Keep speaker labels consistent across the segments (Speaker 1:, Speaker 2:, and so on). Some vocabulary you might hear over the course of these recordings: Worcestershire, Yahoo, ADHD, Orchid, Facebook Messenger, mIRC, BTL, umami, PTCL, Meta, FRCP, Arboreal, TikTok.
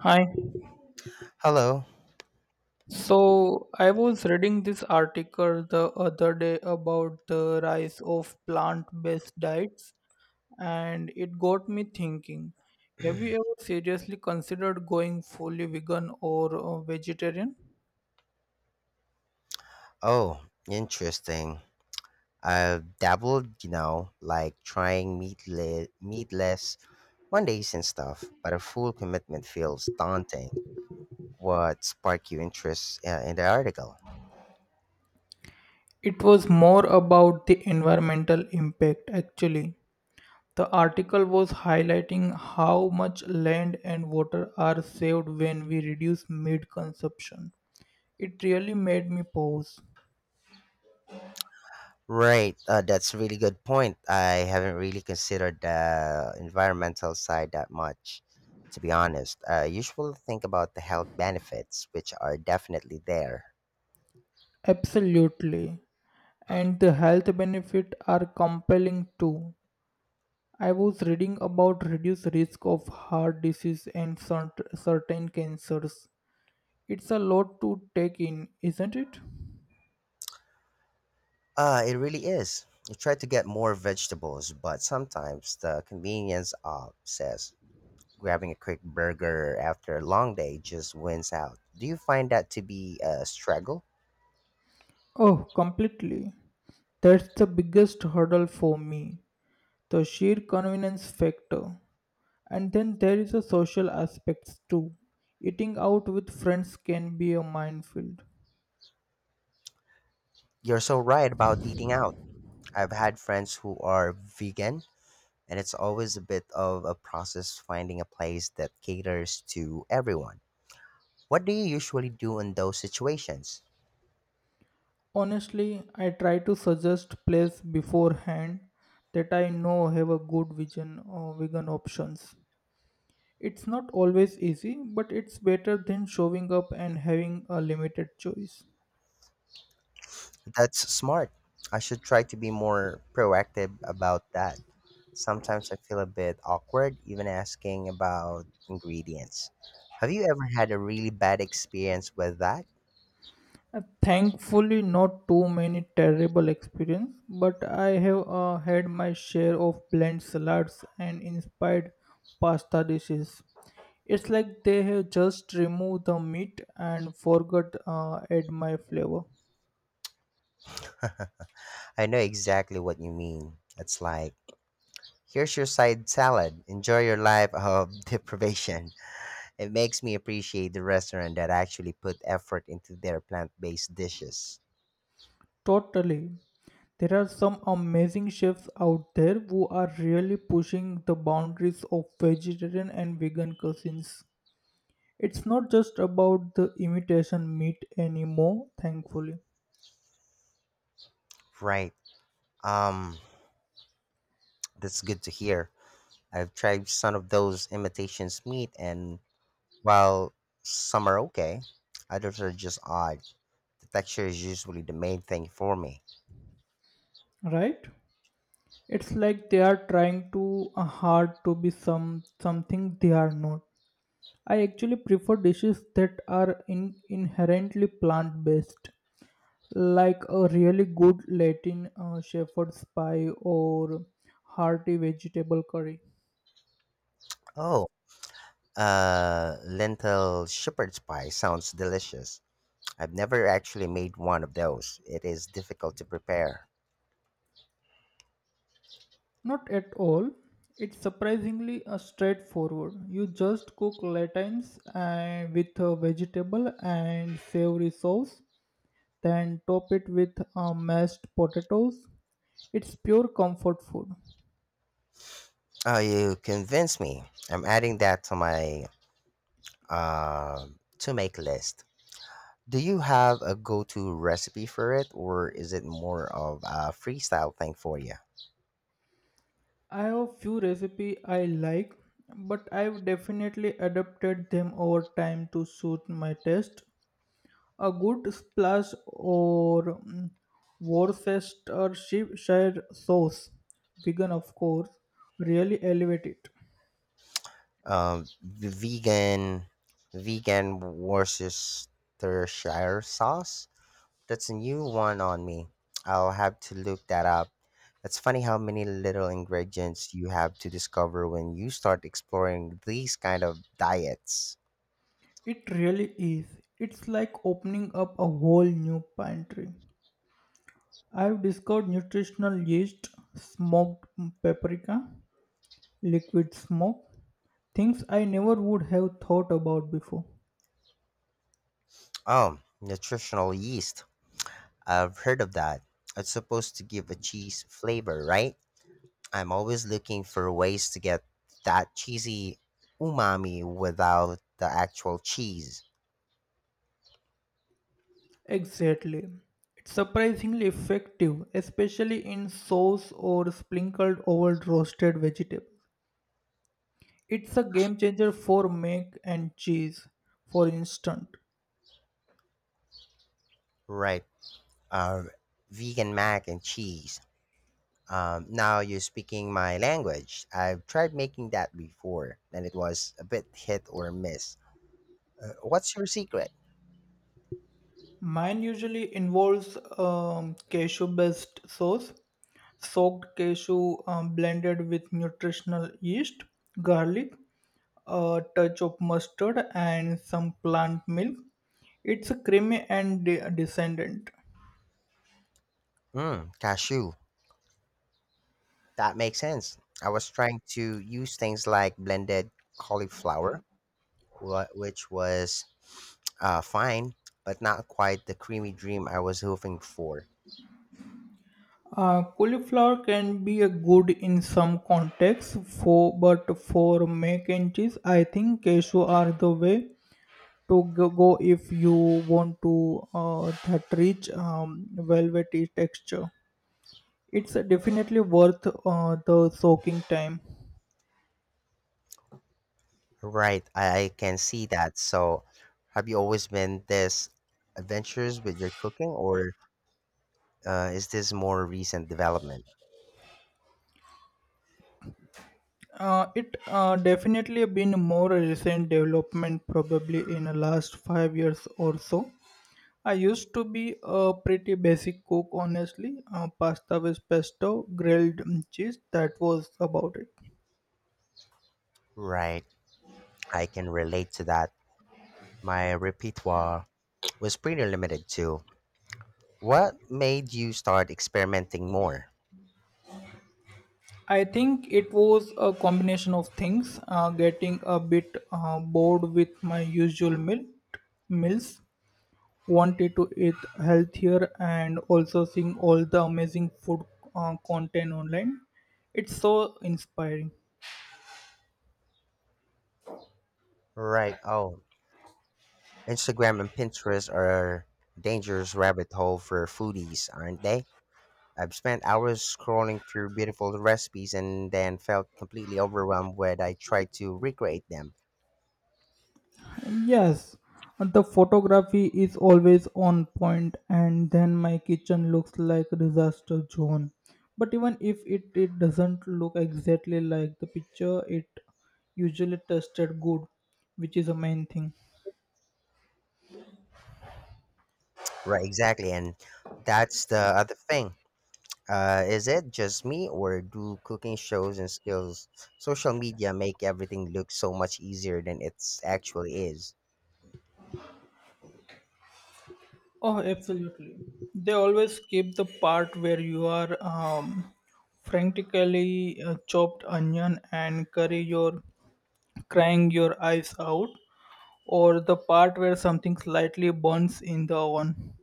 Speaker 1: Hi.
Speaker 2: Hello.
Speaker 1: So I was reading this article the other day about the rise of plant-based diets, and it got me thinking. Have you ever seriously considered going fully vegan or vegetarian?
Speaker 2: Oh, interesting. I've dabbled, you know, like trying meatless Mondays and stuff, but a full commitment feels daunting. What sparked your interest in the article?
Speaker 1: It was more about the environmental impact actually. The article was highlighting how much land and water are saved when we reduce meat consumption. It really made me pause.
Speaker 2: Right, that's a really good point. I haven't really considered the environmental side that much, to be honest. I usually think about the health benefits, which are definitely there.
Speaker 1: Absolutely. And the health benefits are compelling too. I was reading about reduced risk of heart disease and certain cancers. It's a lot to take in, isn't it?
Speaker 2: Ah, it really is. I try to get more vegetables, but sometimes the convenience says grabbing a quick burger after a long day just wins out. Do you find that to be a struggle?
Speaker 1: Oh, completely. That's the biggest hurdle for me. The sheer convenience factor. And then there is a social aspects too. Eating out with friends can be a minefield.
Speaker 2: You're so right about eating out. I've had friends who are vegan, and it's always a bit of a process finding a place that caters to everyone. What do you usually do in those situations?
Speaker 1: Honestly, I try to suggest place beforehand that I know have a good vegan vegan options. It's not always easy, but it's better than showing up and having a limited choice.
Speaker 2: That's smart. I should try to be more proactive about that. Sometimes I feel a bit awkward even asking about ingredients. Have you ever had a really bad experience with that?
Speaker 1: Thankfully, not too many terrible experience, but I have had my share of bland salads and inspired pasta dishes. It's like they have just removed the meat and forgot add my flavor.
Speaker 2: I know exactly what you mean. It's like, here's your side salad. Enjoy your life of deprivation. It makes me appreciate the restaurant that actually put effort into their plant-based dishes.
Speaker 1: Totally. There are some amazing chefs out there who are really pushing the boundaries of vegetarian and vegan cuisines. It's not just about the imitation meat anymore, thankfully,
Speaker 2: Right. Um, that's good to hear. I've tried some of those imitations meat, and while some are okay, others are just odd. The texture is usually the main thing for me.
Speaker 1: right? It's like they are trying too hard to be something they are not. I actually prefer dishes that are inherently plant-based, like a really good Latin shepherd's pie or hearty vegetable curry.
Speaker 2: Oh, lentil shepherd's pie sounds delicious. I've never actually made one of those. It is difficult to prepare.
Speaker 1: Not at all. It's surprisingly straightforward. You just cook latines and with a vegetable and savory sauce, then top it with mashed potatoes. It's pure comfort food.
Speaker 2: Oh, you convinced me. I'm adding that to my uh, to make list. Do you have a go to recipe for it, or is it more of a freestyle thing for you?
Speaker 1: I have few recipe I like, but I've definitely adapted them over time to suit my taste. A good splash or Worcestershire sauce, vegan of course, really elevate it.
Speaker 2: um, v- vegan vegan Worcestershire sauce. That's a new one on me. I'll have to look that up. It's funny how many little ingredients you have to discover when you start exploring these kind of diets.
Speaker 1: It really is. It's like opening up a whole new pantry. I've discovered nutritional yeast, smoked paprika, liquid smoke, things I never would have thought about before.
Speaker 2: Oh, nutritional yeast. I've heard of that. It's supposed to give a cheese flavor, right? I'm always looking for ways to get that cheesy umami without the actual cheese.
Speaker 1: Exactly. It's surprisingly effective, especially in sauce or sprinkled over roasted vegetables. It's a game changer for mac and cheese, for instance.
Speaker 2: Right. Um, vegan mac and cheese. Now you're speaking my language. I've tried making that before, and it was a bit hit or miss. What's your secret?
Speaker 1: Mine usually involves cashew based sauce, soaked cashew blended with nutritional yeast, garlic, a touch of mustard, and some plant milk. It's creamy and descendant.
Speaker 2: Mm, cashew. That makes sense. I was trying to use things like blended cauliflower which was fine, but not quite the creamy dream I was hoping for.
Speaker 1: Cauliflower can be a good in some contexts, for but for mac and cheese, I think cashew are the way to go if you want to that rich velvety texture. It's definitely worth the soaking time.
Speaker 2: Right, I can see that. So, have you always been this adventurous with your cooking, or is this more recent development?
Speaker 1: It definitely been more recent development probably in the last 5 years or so. I used to be a pretty basic cook, honestly. Pasta with pesto, grilled cheese, that was about it.
Speaker 2: Right, I can relate to that. My repertoire was pretty limited too. What made you start experimenting more?
Speaker 1: I think it was a combination of things, getting a bit bored with my usual meals, wanted to eat healthier, and also seeing all the amazing food content online. It's so inspiring.
Speaker 2: Right, oh, Instagram and Pinterest are dangerous rabbit hole for foodies, aren't they? I've spent hours scrolling through beautiful recipes and then felt completely overwhelmed when I tried to recreate them.
Speaker 1: Yes, the photography is always on point, and then my kitchen looks like a disaster zone. But even if it doesn't look exactly like the picture, it usually tasted good, which is the main thing.
Speaker 2: Right, exactly. And that's the other thing. Is it just me, or do cooking shows and skills, social media make everything look so much easier than it actually is?
Speaker 1: Oh, absolutely. They always skip the part where you are frantically chopped onion and curry your crying your eyes out, or the part where something slightly burns in the oven.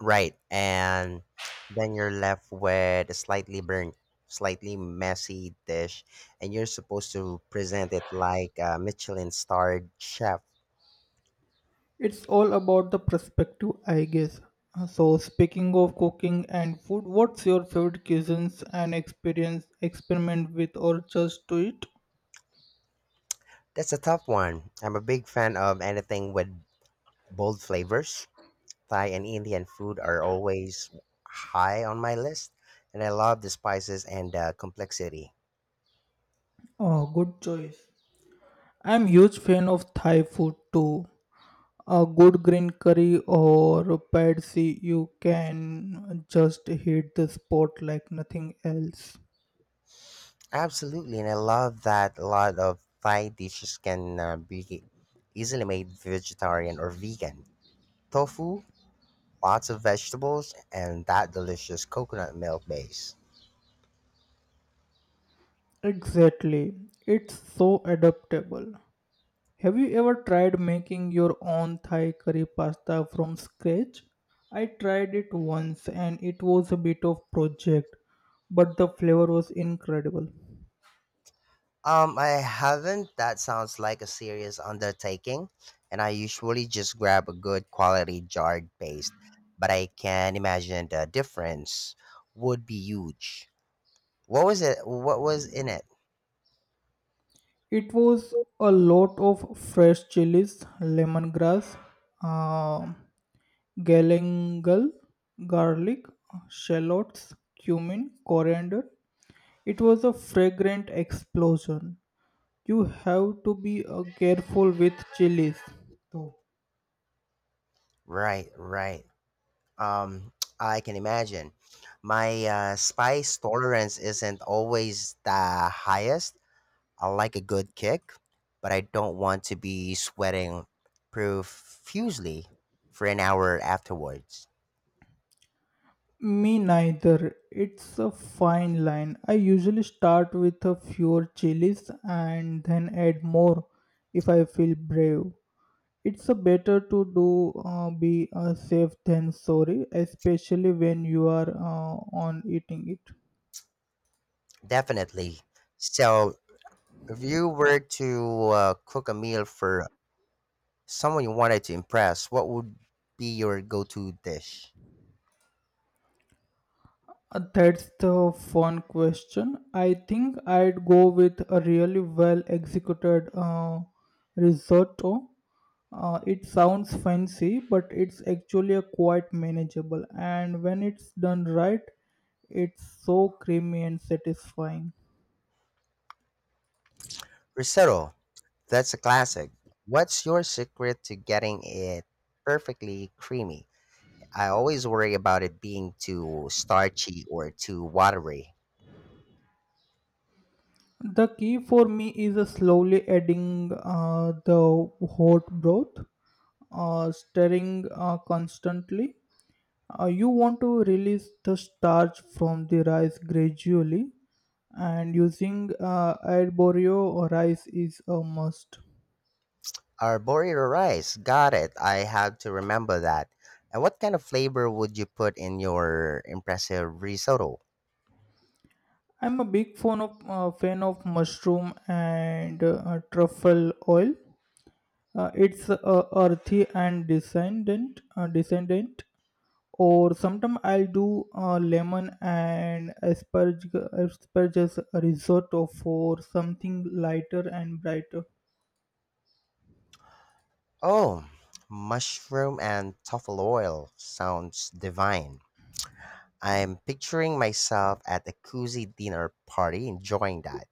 Speaker 2: Right. And then you're left with a slightly burnt, slightly messy dish, and you're supposed to present it like a Michelin starred chef.
Speaker 1: It's all about the perspective, I guess. So, speaking of cooking and food, what's your favorite cuisines and experience experiment with or just do it?
Speaker 2: That's a tough one. I'm a big fan of anything with bold flavors. Thai and Indian food are always high on my list, and I love the spices and the complexity.
Speaker 1: Oh, good choice. I'm huge fan of Thai food too. A good green curry or pad see you can just hit the spot like nothing else.
Speaker 2: Absolutely, and I love that a lot of Thai dishes can be easily made vegetarian or vegan. Tofu lots of vegetables, and that delicious coconut milk base.
Speaker 1: Exactly. It's so adaptable. Have you ever tried making your own Thai curry pasta from scratch? I tried it once and it was a bit of project, but the flavor was incredible.
Speaker 2: I haven't. That sounds like a serious undertaking, and I usually just grab a good quality jarred paste, but I can imagine the difference would be huge. What was it? What was in it?
Speaker 1: It was a lot of fresh chilies, lemongrass, uh, galangal, garlic, shallots, cumin, coriander. It was a fragrant explosion. You have to be careful with chilies, though.
Speaker 2: Right, right. Um, I can imagine. My spice tolerance isn't always the highest I like a good kick, but I don't want to be sweating profusely for an hour afterwards.
Speaker 1: Me neither. It's a fine line. I usually start with a fewer chilies and then add more if I feel brave. It's a better to do be safe than sorry, especially when you are on eating it.
Speaker 2: Definitely. So, if you were to cook a meal for someone you wanted to impress, what would be your go to dish?
Speaker 1: That's the fun question. I think I'd go with a really well executed risotto. It sounds fancy, but it's actually a quite manageable. And when it's done right, it's so creamy and satisfying.
Speaker 2: Risotto, that's a classic. What's your secret to getting it perfectly creamy? I always worry about it being too starchy or too watery.
Speaker 1: The key for me is slowly adding the hot broth, stirring constantly. You want to release the starch from the rice gradually, and using arborio rice is a must.
Speaker 2: Arboreal rice. Got it. I have to remember that. And what kind of flavor would you put in your impressive risotto?
Speaker 1: I'm a big fan of mushroom and truffle oil. It's earthy and descendant. Or sometimes I'll do lemon and asparagus risotto for something lighter and brighter.
Speaker 2: Oh, mushroom and truffle oil sounds divine. I'm picturing myself at a cozy dinner party enjoying that.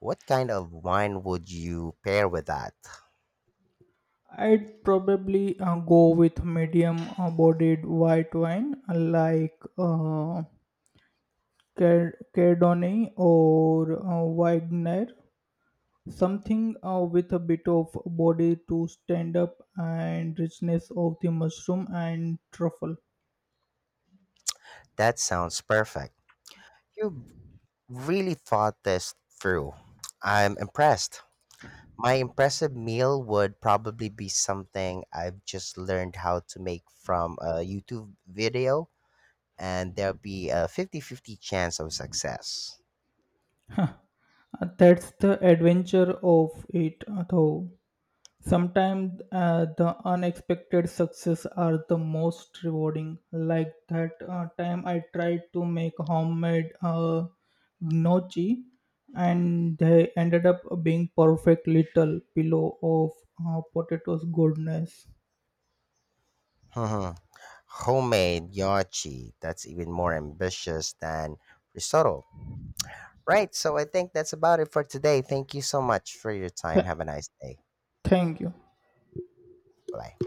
Speaker 2: What kind of wine would you pair with that?
Speaker 1: I'd probably go with medium bodied white wine like Cardonnay or Wagner, something with a bit of body to stand up and richness of the mushroom and truffle.
Speaker 2: That sounds perfect. You really thought this through. I'm impressed. My impressive meal would probably be something I've just learned how to make from a YouTube video, and there'll be a 50-50 chance of success.
Speaker 1: That's the adventure of it, though. Sometimes the unexpected success are the most rewarding. Like that time I tried to make homemade gnocchi, and they ended up being perfect little pillow of potatoes goodness.
Speaker 2: Hmm. Homemade yachi, that's even more ambitious than risotto. Right, so I think that's about it for today. Thank you so much for your time.
Speaker 1: Th-
Speaker 2: Have a nice day.
Speaker 1: thank you.
Speaker 2: Bye.